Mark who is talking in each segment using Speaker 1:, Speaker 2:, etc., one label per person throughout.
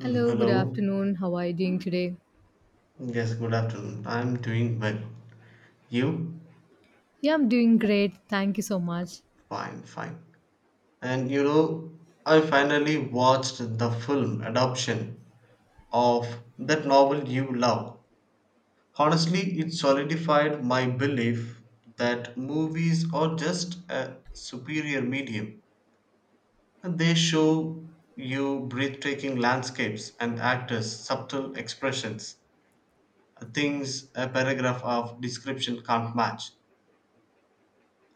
Speaker 1: Hello, good
Speaker 2: Hello.
Speaker 1: afternoon. How are you doing today?
Speaker 2: Yes, good afternoon. I'm doing well. You?
Speaker 1: Yeah, I'm doing great. Thank you so much.
Speaker 2: Fine, fine. And you know, I finally watched the film adoption of that novel you love. Honestly, it solidified my belief that movies are just a superior medium. And they show you breathtaking landscapes and actors' subtle expressions, things a paragraph of description can't match.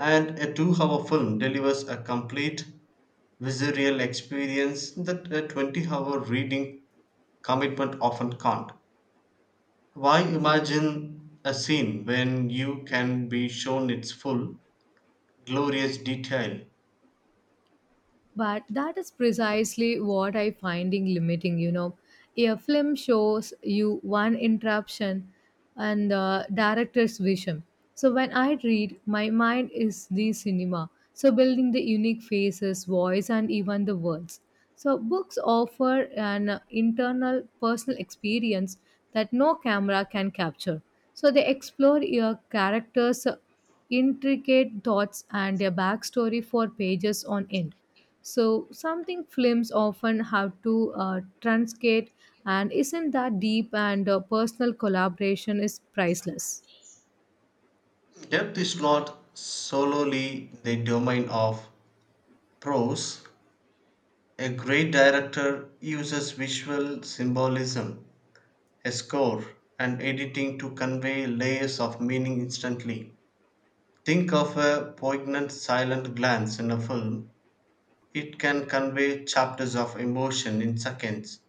Speaker 2: And a 2 hour film delivers a complete visceral experience that a 20-hour reading commitment often can't. Why imagine a scene when you can be shown its full, glorious detail?
Speaker 1: But that is precisely what I finding limiting. A film shows you one interruption and the director's vision. So when I read, my mind is the cinema. So building the unique faces, voice and even the words. So books offer an internal personal experience that no camera can capture. So they explore your characters' intricate thoughts and their backstory for pages on end. So something films often have to transcate, and isn't that deep and personal collaboration is priceless.
Speaker 2: Depth is not solely the domain of prose. A great director uses visual symbolism, a score, and editing to convey layers of meaning instantly. Think of a poignant silent glance in a film. It can convey chapters of emotion in seconds.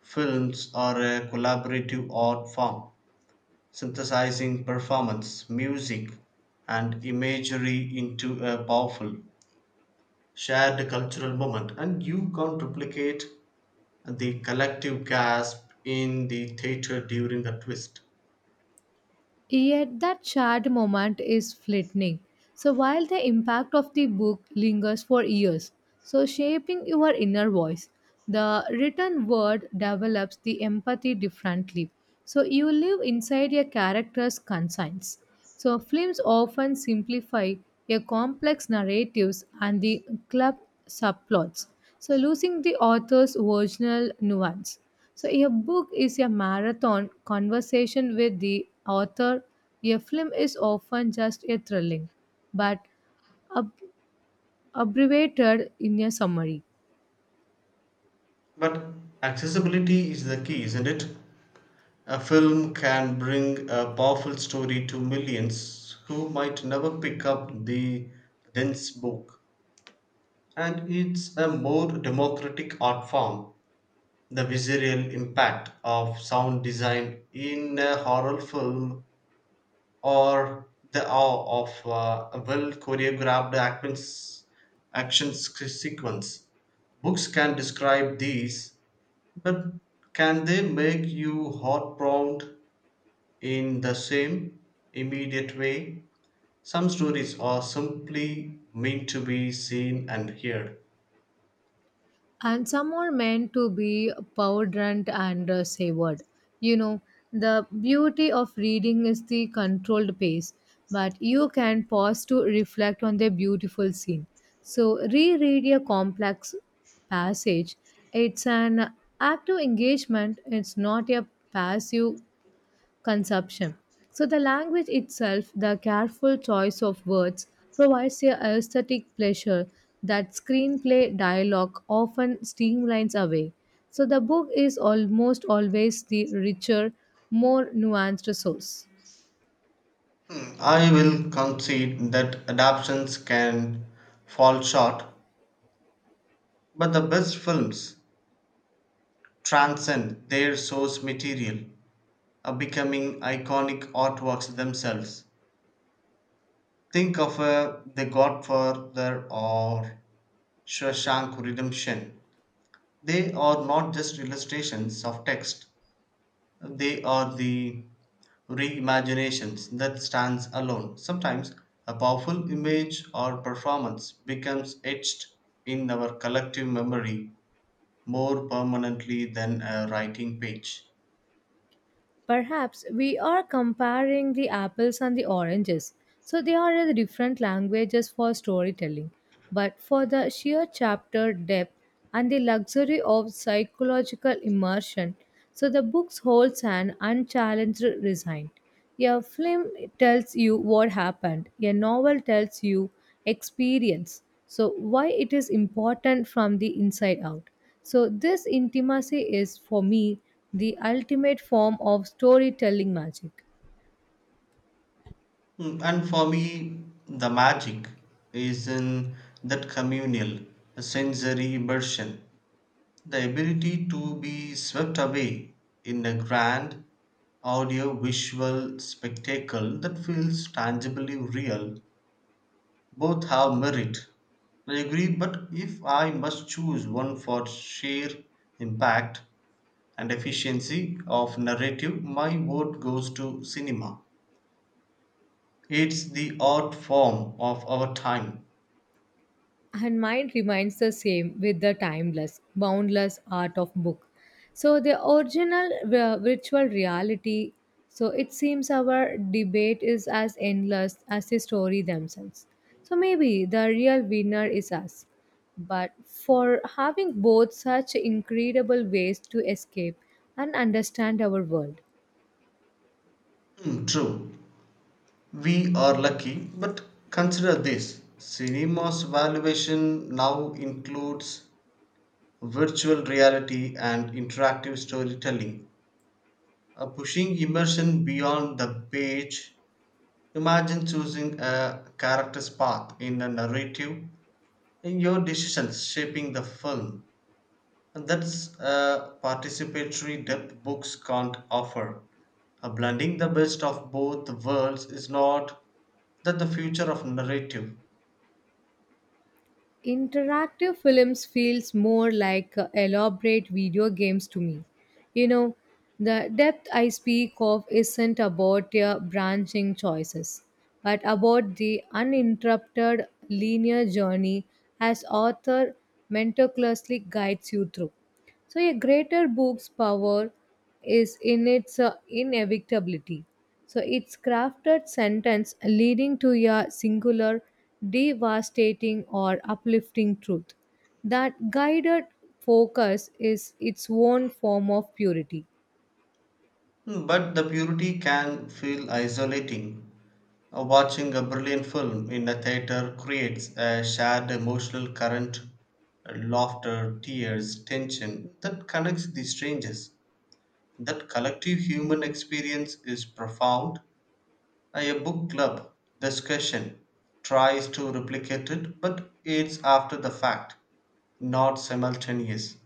Speaker 2: Films are a collaborative art form, synthesizing performance, music, and imagery into a powerful, shared cultural moment, and you can't replicate the collective gasp in the theater during the twist.
Speaker 1: Yet that shared moment is fleeting. So while the impact of the book lingers for years, so shaping your inner voice, the written word develops the empathy differently. So you live inside a character's conscience. So films often simplify a complex narratives and the club subplots. So losing the author's original nuance. So, a book is a marathon conversation with the author. A film is often just a thrilling, but ab- abbreviated in a summary.
Speaker 2: But accessibility is the key, isn't it? A film can bring a powerful story to millions who might never pick up the dense book. And it's a more democratic art form. The visceral impact of sound design in a horror film, or the awe of a well choreographed sequence. Books can describe these, but can they make you heart-pronged in the same immediate way? Some stories are simply meant to be seen and heard.
Speaker 1: And some are meant to be powdered and savored. You know, the beauty of reading is the controlled pace, but you can pause to reflect on the beautiful scene. So, reread a complex passage. It's an active engagement, it's not a passive consumption. So, the language itself, the careful choice of words, provides a aesthetic pleasure that screenplay dialogue often streamlines away. So, the book is almost always the richer, more nuanced source.
Speaker 2: Hmm, I will concede that adaptations can fall short, but the best films transcend their source material, becoming iconic artworks themselves. Think of The Godfather or Shawshank Redemption. They are not just illustrations of text, they are the reimaginations that stands alone. Sometimes a powerful image or performance becomes etched in our collective memory more permanently than a writing page.
Speaker 1: Perhaps we are comparing the apples and the oranges. So they are the different languages for storytelling, but for the sheer chapter depth and the luxury of psychological immersion, so the book holds an unchallenged design. A film tells you what happened, a novel tells you experience. So why it is important from the inside out. So, this intimacy is for me the ultimate form of storytelling magic.
Speaker 2: Mm, and for me, the magic is in that communal, sensory immersion, the ability to be swept away in a grand audio visual spectacle that feels tangibly real. Both have merit. I agree, but if I must choose one for sheer impact and efficiency of narrative, my vote goes to cinema. It's the art form of our time.
Speaker 1: And mine remains the same with the timeless, boundless art of book. So, the original virtual reality, so it seems our debate is as endless as the story themselves. So, maybe the real winner is us. But for having both such incredible ways to escape and understand our world.
Speaker 2: Hmm, true. We are lucky, but consider this: cinema's valuation now includes virtual reality and interactive storytelling, pushing immersion beyond the page. Imagine choosing a character's path in a narrative and your decisions shaping the film. And that's a participatory depth books can't offer. Blending the best of both worlds, is not that the future of narrative?
Speaker 1: Interactive films feels more like elaborate video games to me, you know, the depth I speak of isn't about their branching choices but about the uninterrupted linear journey as author meticulously guides you through. So, a greater book's power is in its inevitability. So, its crafted sentence leading to a singular, devastating, or uplifting truth. That guided focus is its own form of purity.
Speaker 2: Mm, but the purity can feel isolating. Watching a brilliant film in a theater creates a shared emotional current, laughter, tears, tension that connects the strangers. That collective human experience is profound. A book club discussion tries to replicate it, but it's after the fact, not simultaneous.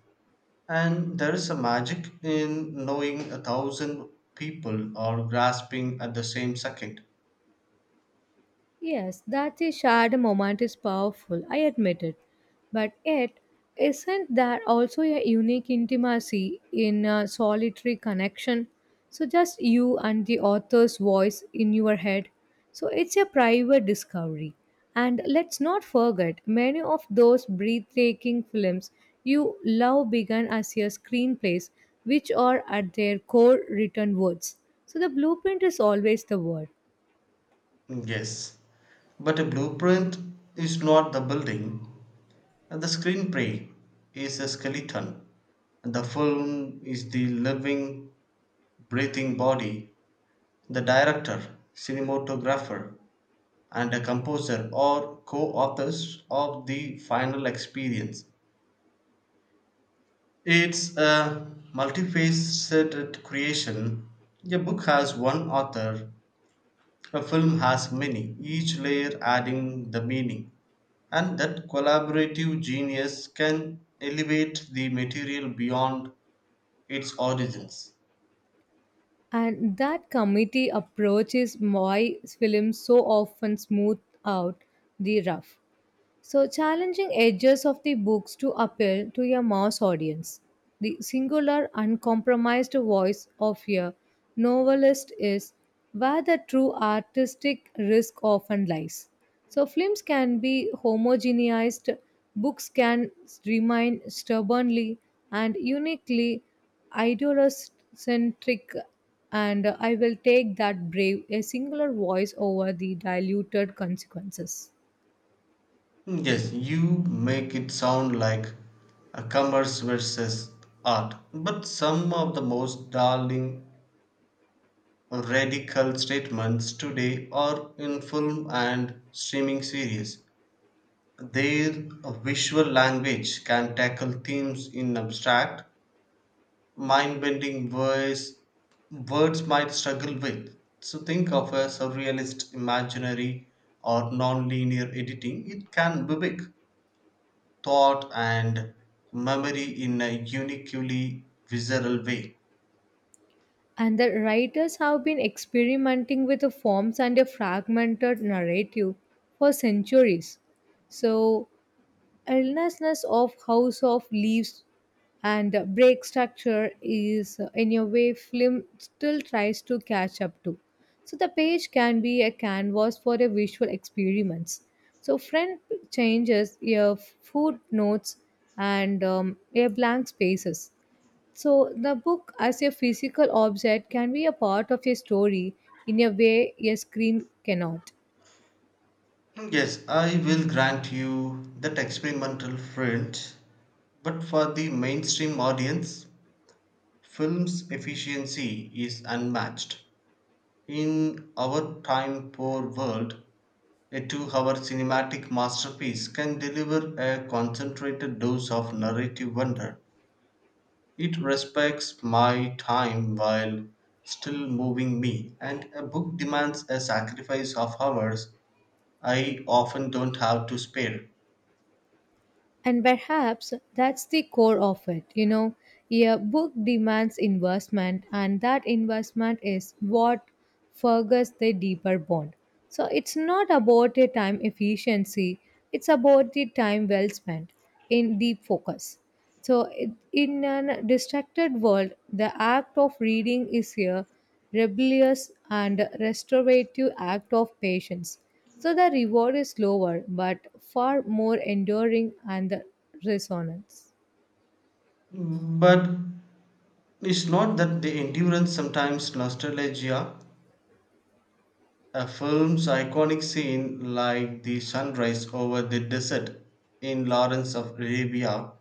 Speaker 2: And there is a magic in knowing a thousand people are grasping at the same second.
Speaker 1: Yes, that a shared moment is powerful, I admit it. But yet, isn't there also a unique intimacy in a solitary connection? So, just you and the author's voice in your head. So, it's a private discovery. And let's not forget, many of those breathtaking films you love began as your screenplays, which are at their core written words. So, the blueprint is always the word.
Speaker 2: Yes, but a blueprint is not the building, and the screenplay is a skeleton, and the film is the living, breathing body. The director, cinematographer, and a composer are co authors of the final experience. It's a multifaceted creation. A book has one author, a film has many, each layer adding the meaning. And that collaborative genius can elevate the material beyond its origins.
Speaker 1: And that committee approach is why films so often smooth out the rough. So, challenging edges of the books to appeal to a mass audience. The singular, uncompromised voice of a novelist is where the true artistic risk often lies. So, films can be homogenized, books can remain stubbornly and uniquely ideolocentric, and I will take that brave a singular voice over the diluted consequences.
Speaker 2: Yes, you make it sound like a commerce versus art, but some of the most darling radical statements today are in film and streaming series. Their visual language can tackle themes in abstract, mind bending ways words might struggle with. So, think of a surrealist imaginary or non linear editing, it can mimic thought and memory in a uniquely visceral way.
Speaker 1: And the writers have been experimenting with the forms and a fragmented narrative for centuries. So, illnessness of House of Leaves and Break Structure is, in a way, film still tries to catch up to. So, the page can be a canvas for a visual experiments. So, friend changes, your footnotes, and your blank spaces. So, the book as a physical object can be a part of a story in a way a screen cannot.
Speaker 2: Yes, I will grant you that experimental print, but for the mainstream audience, film's efficiency is unmatched. In our time poor world, a 2 hour cinematic masterpiece can deliver a concentrated dose of narrative wonder. It respects my time while still moving me, and a book demands a sacrifice of hours I often don't have to spare.
Speaker 1: And perhaps that's the core of it. You know, a book demands investment, and that investment is what forges the deeper bond. So, it's not about a time efficiency, it's about the time well spent in deep focus. So, in an distracted world, the act of reading is here rebellious and restorative act of patience. So the reward is lower but far more enduring and the resonance.
Speaker 2: But it's not that the endurance sometimes nostalgia. A film's iconic scene, like the sunrise over the desert in Lawrence of Arabia,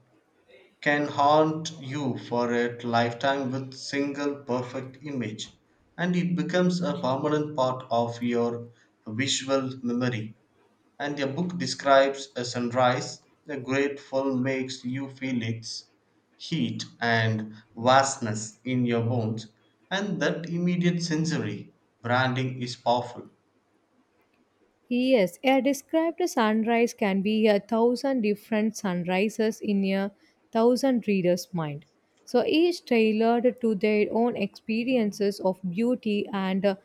Speaker 2: can haunt you for a lifetime with single perfect image, and it becomes a permanent part of your visual memory. And a book describes a sunrise, a great film makes you feel its heat and vastness in your bones, and that immediate sensory branding is powerful.
Speaker 1: Yes, a described sunrise can be a thousand different sunrises in a thousand readers' mind. So each tailored to their own experiences of beauty and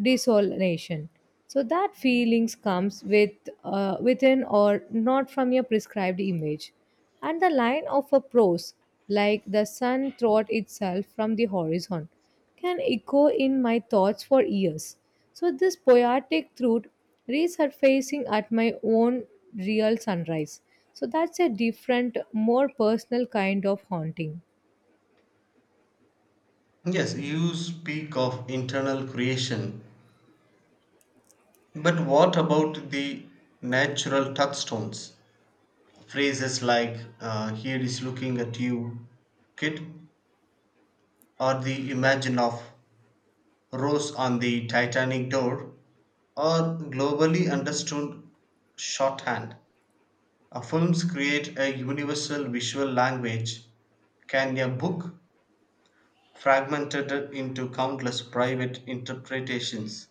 Speaker 1: desolation. So that feelings comes with within or not from a prescribed image. And the line of a prose, like the sun thought itself from the horizon can echo in my thoughts for years. So, this poetic truth resurfacing at my own real sunrise. So, that's a different, more personal kind of haunting.
Speaker 2: Yes, you speak of internal creation, but what about the natural touchstones? Phrases like, here is looking at you, kid, or the imagine of Rose on the Titanic door, or globally understood shorthand. Films create a universal visual language. Can a book, fragmented into countless private interpretations,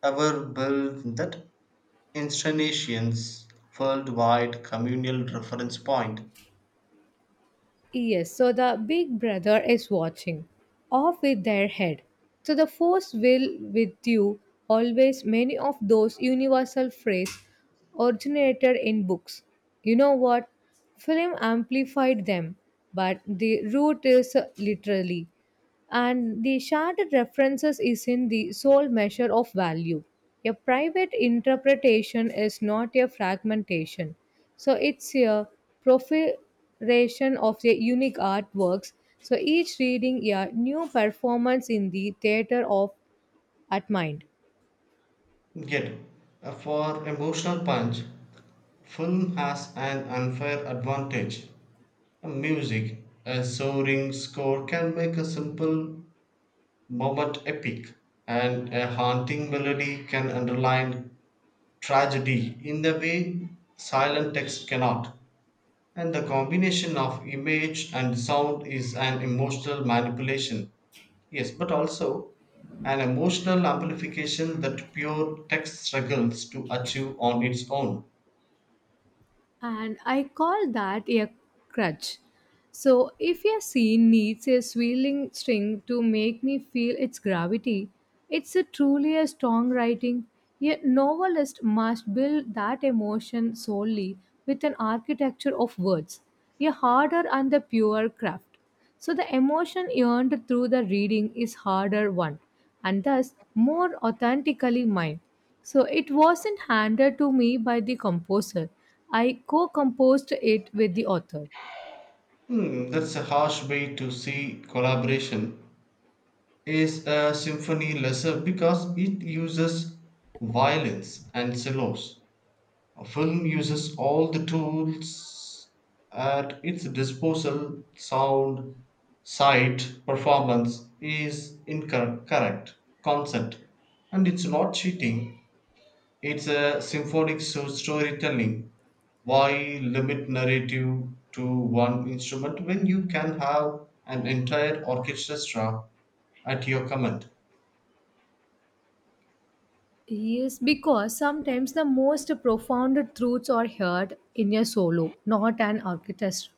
Speaker 2: ever build that instantaneous worldwide communal reference point?
Speaker 1: Yes, so the big brother is watching, off with their head. So the force will with you always many of those universal phrases originated in books. You know what? Film amplified them, but the root is literally and the sharded references is in the sole measure of value. A private interpretation is not a fragmentation, so it's a proliferation of the unique artworks. So each reading a new performance in the theater of at mind.
Speaker 2: Yet, for emotional punch, film has an unfair advantage. Music, a soaring score can make a simple moment epic, and a haunting melody can underline tragedy in the way silent text cannot. And the combination of image and sound is an emotional manipulation. Yes, but also an emotional amplification that pure text struggles to achieve on its own.
Speaker 1: And I call that a crutch. So, if a scene needs a swirling string to make me feel its gravity, it's a truly a strong writing. A novelist must build that emotion solely with an architecture of words, a harder and the pure craft. So the emotion earned through the reading is harder one and thus more authentically mine. So it wasn't handed to me by the composer. I co-composed it with the author.
Speaker 2: Hmm, that's a harsh way to see collaboration. Is a symphony lesser because it uses violins and cellos? A film uses all the tools at its disposal: sound, sight, performance is incorrect, correct, consent. And it's not cheating, it's a storytelling. Why limit narrative to one instrument when you can have an entire orchestra at your command?
Speaker 1: Yes, because sometimes the most profound truths are heard in a solo, not an orchestra.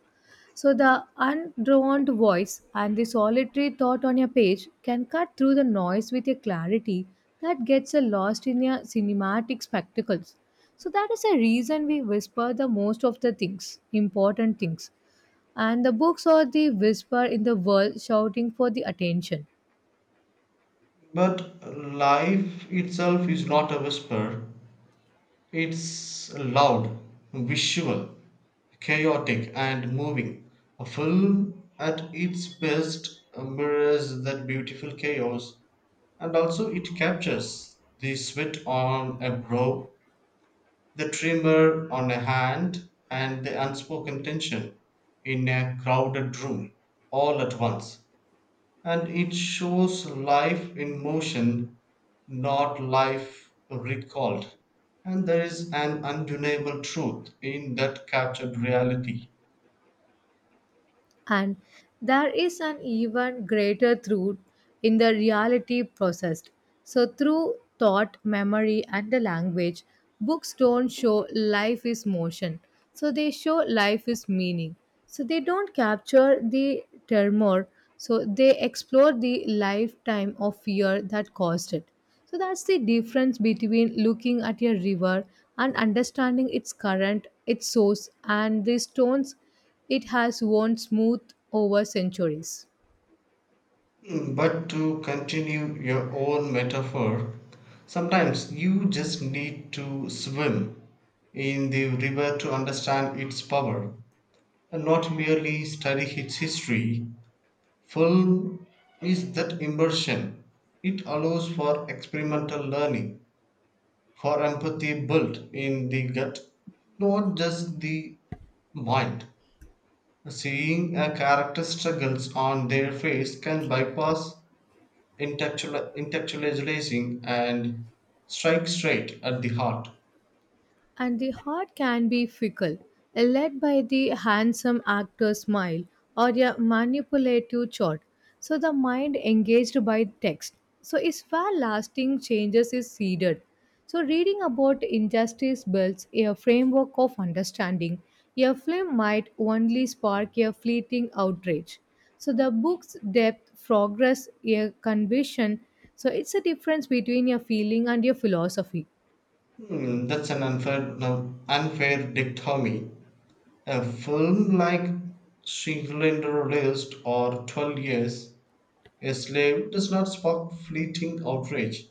Speaker 1: So the undrawn voice and the solitary thought on a page can cut through the noise with a clarity that gets lost in your cinematic spectacles. So that is a reason we whisper the most of the things, important things. And the books are the whisper in the world shouting for the attention.
Speaker 2: But life itself is not a whisper, it's loud, visual, chaotic, and moving. A film at its best mirrors that beautiful chaos, and also it captures the sweat on a brow, the tremor on a hand, and the unspoken tension in a crowded room, all at once. And it shows life in motion, not life recalled, and there is an undeniable truth in that captured reality.
Speaker 1: And there is an even greater truth in the reality processed. So, through thought, memory, and the language, books don't show life is motion. So, they show life is meaning. So, they don't capture the turmoil. So, they explore the lifetime of fear that caused it. So, that's the difference between looking at a river and understanding its current, its source, and the stones it has worn smooth over centuries.
Speaker 2: Mm, but to continue your own metaphor, sometimes you just need to swim in the river to understand its power and not merely study its history. Film is that immersion. It allows for experimental learning, for empathy built in the gut, not just the mind. Seeing a character struggles on their face can bypass intellectualizing and strike straight at the heart.
Speaker 1: And the heart can be fickle, led by the handsome actor's smile or a manipulative chart. So the mind engaged by text. So its where lasting changes is seeded. So reading about injustice builds a framework of understanding. A film might only spark a fleeting outrage. So the book's depth, progress, a conviction. So it's a difference between a feeling and a philosophy.
Speaker 2: Hmm, that's an unfair, no, unfair dichotomy. A film like Schindler's List or 12 Years a Slave does not spark fleeting outrage.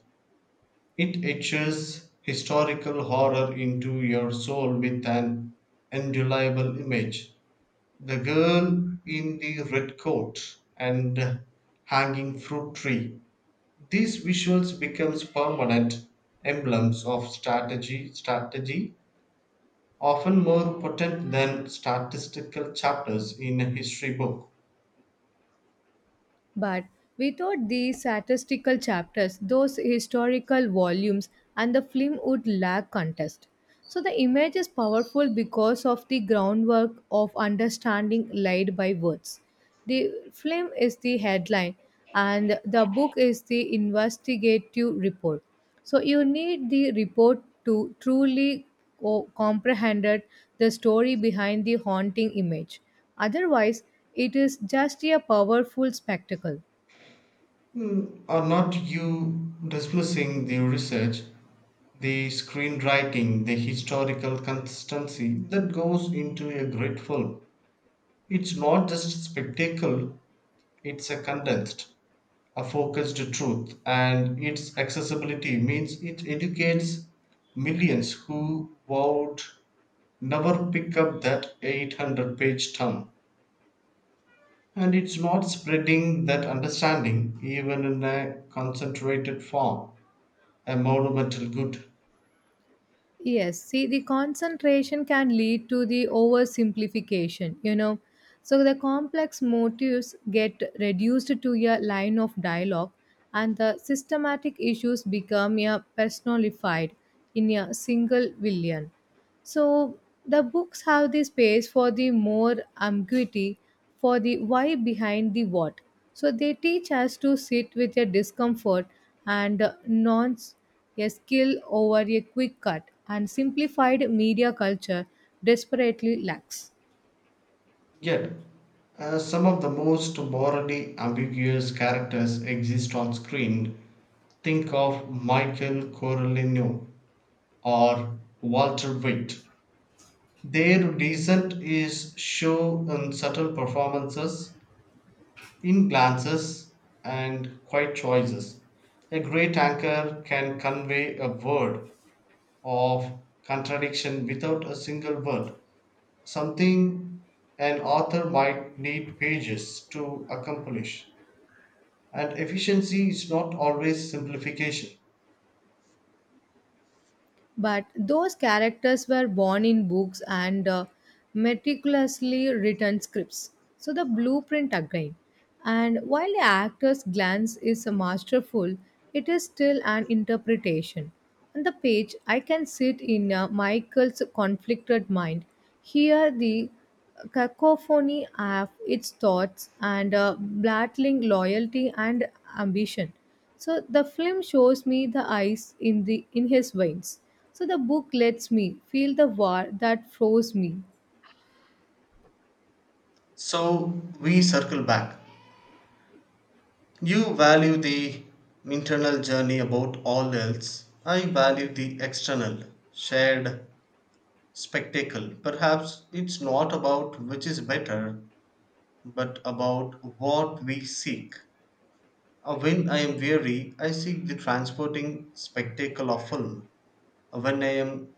Speaker 2: It etches historical horror into your soul with an indelible image. The girl in the red coat and hanging fruit tree. These visuals becomes permanent emblems of strategy, often more potent than statistical chapters in a history book.
Speaker 1: But without these statistical chapters, those historical volumes, and the film would lack contest. So the image is powerful because of the groundwork of understanding laid by words. The film is the headline, and the book is the investigative report. So you need the report to truly comprehend the story behind the haunting image. Otherwise, it is just a powerful spectacle.
Speaker 2: Mm, are not you dismissing the research, the screenwriting, the historical consistency that goes into a great film? It's not just spectacle, it's a condensed, a focused truth, and its accessibility means it educates millions who would never pick up that 800-page tome. And it's not spreading that understanding, even in a concentrated form, a monumental good.
Speaker 1: Yes, see, the concentration can lead to the oversimplification. So the complex motives get reduced to a line of dialogue, and the systematic issues become a personified in a single villain. So the books have the space for the more ambiguity, for the why behind the what. So they teach us to sit with a discomfort and nonce a skill over a quick cut and simplified media culture desperately lacks.
Speaker 2: Yet, some of the most morally ambiguous characters exist on screen. Think of Michael Corleone or Walter White. Their descent is shown in subtle performances, in glances, and quiet choices. A great anchor can convey a word of contradiction without a single word, something an author might need pages to accomplish. And efficiency is not always simplification.
Speaker 1: But those characters were born in books and meticulously written scripts. So the blueprint again. And while the actor's glance is masterful, it is still an interpretation. On the page, I can sit in Michael's conflicted mind, hear the cacophony of its thoughts and battling loyalty and ambition. So the film shows me the ice in the in his veins. So the book lets me feel the war that froze me.
Speaker 2: So we circle back. You value the internal journey above all else. I value the external, shared spectacle. Perhaps it's not about which is better, but about what we seek. When I am weary, I seek the transporting spectacle of film. When I am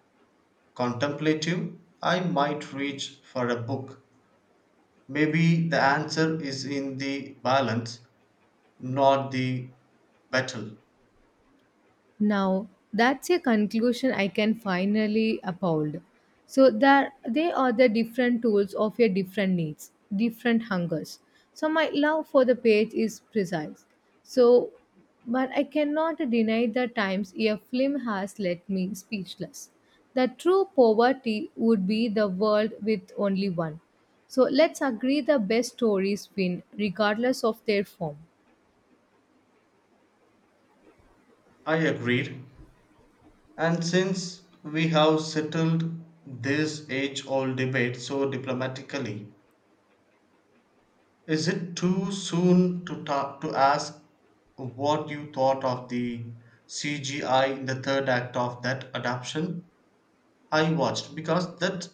Speaker 2: contemplative, I might reach for a book. Maybe the answer is in the balance, not the battle.
Speaker 1: Now, that's a conclusion I can finally uphold. So there they are the different tools of your different needs, different hungers. So my love for the page is precise. So but I cannot deny the times a film has left me speechless. The true poverty would be the world with only one. So let's agree the best stories win regardless of their form.
Speaker 2: I agreed. And since we have settled this age old debate so diplomatically, is it too soon to to ask what you thought of the CGI in the third act of that adaptation I watched? Because that,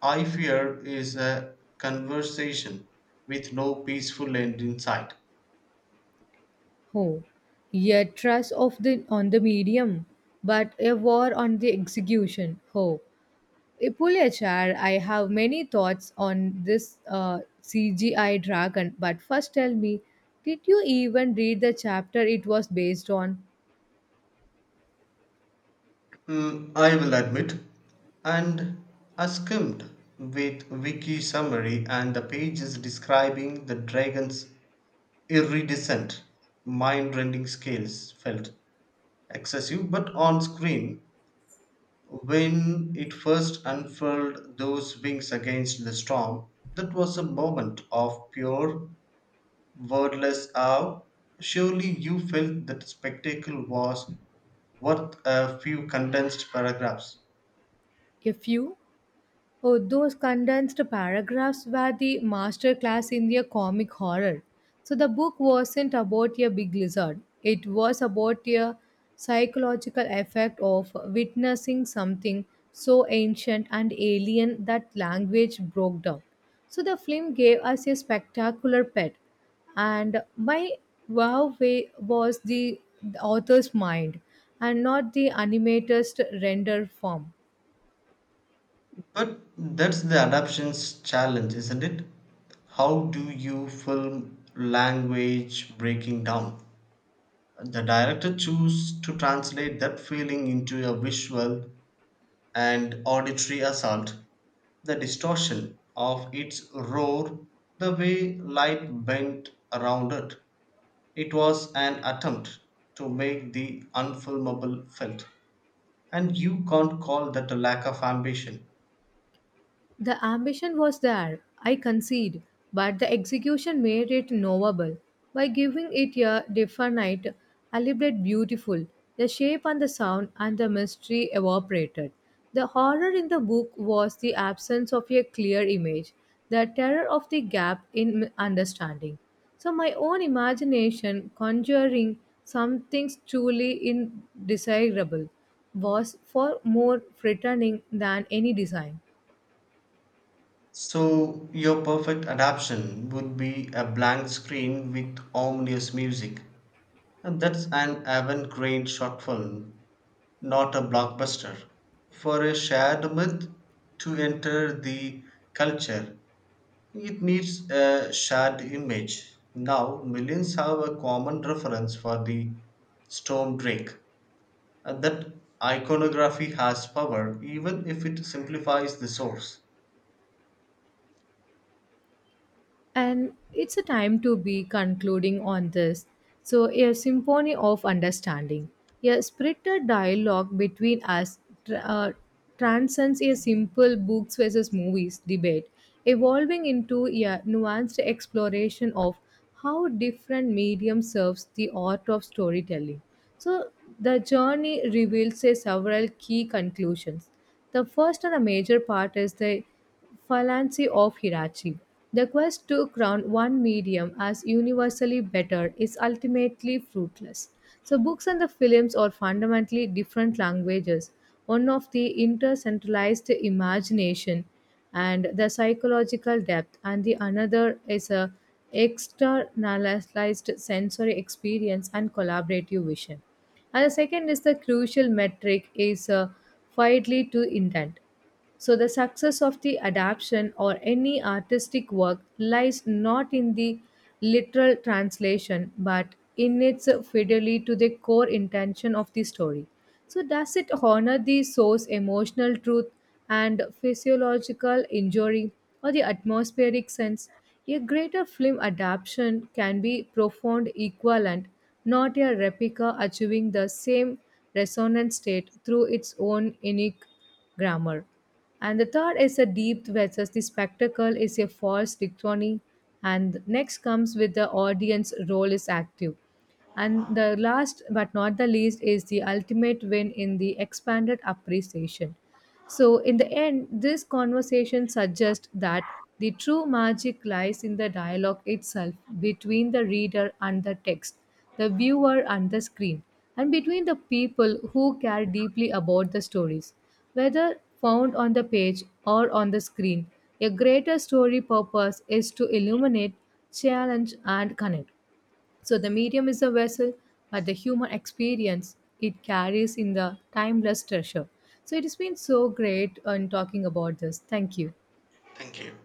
Speaker 2: I fear, is a conversation with no peaceful end in sight.
Speaker 1: Oh, a trust of the on the medium, but a war on the execution. Oh, a pull I have many thoughts on this CGI dragon, but first tell me, did you even read the chapter it was based on?
Speaker 2: Mm, I will admit, and I skimmed with wiki summary, and the pages describing the dragon's iridescent, mind-rending scales felt excessive, but on screen, when it first unfurled those wings against the storm, that was a moment of pure, wordless awe. Surely you felt that the spectacle was worth a few condensed paragraphs.
Speaker 1: A few. Oh, those condensed paragraphs were the masterclass in the comic horror. So the book wasn't about a big lizard. It was about a psychological effect of witnessing something so ancient and alien that language broke down. So the film gave us a spectacular pet. And my wow way was the author's mind and not the animator's render form.
Speaker 2: But that's the adaptation's challenge, isn't it? How do you film language breaking down? The director choose to translate that feeling into a visual and auditory assault, the distortion of its roar, the way light bent around it. It was an attempt to make the unfilmable felt, and you can't call that a lack of ambition.
Speaker 1: The ambition was there, I concede, but the execution made it knowable by giving it a definite, elaborate, beautiful. The shape and the sound and the mystery evaporated. The horror in the book was the absence of a clear image, the terror of the gap in understanding. So, my own imagination conjuring something truly indesirable was far more threatening than any design.
Speaker 2: So, your perfect adaptation would be a blank screen with ominous music. And that's an avant garde short film, not a blockbuster. For a shared myth to enter the culture, it needs a shared image. Now, millions have a common reference for the storm drake. And that iconography has power, even if it simplifies the source.
Speaker 1: And it's a time to be concluding on this. So, a symphony of understanding, a spirited dialogue between us tr- uh, transcends a simple books versus movies debate, evolving into a nuanced exploration of how different medium serves the art of storytelling. So, the journey reveals a several key conclusions. The first and a major part is the fallacy of hierarchy. The quest to crown one medium as universally better is ultimately fruitless. So, books and the films are fundamentally different languages, one of the intercentralized imagination and the psychological depth, and the another is a externalized sensory experience and collaborative vision. And the second is the crucial metric is fidelity to intent. So, the success of the adaptation or any artistic work lies not in the literal translation but in its fidelity to the core intention of the story. So, does it honor the source emotional truth and physiological injury or the atmospheric sense? A greater film adaptation can be profound equivalent, not a replica achieving the same resonant state through its own unique grammar. And the third is a depth versus the spectacle is a false dichotomy. And next comes with the audience role is active. And the last but not the least is the ultimate win in the expanded appreciation. So, in the end, this conversation suggests that the true magic lies in the dialogue itself between the reader and the text, the viewer and the screen, and between the people who care deeply about the stories. Whether found on the page or on the screen, a greater story purpose is to illuminate, challenge, and connect. So the medium is a vessel, but the human experience it carries in the timeless treasure. So it has been so great in talking about this. Thank you.
Speaker 2: Thank you.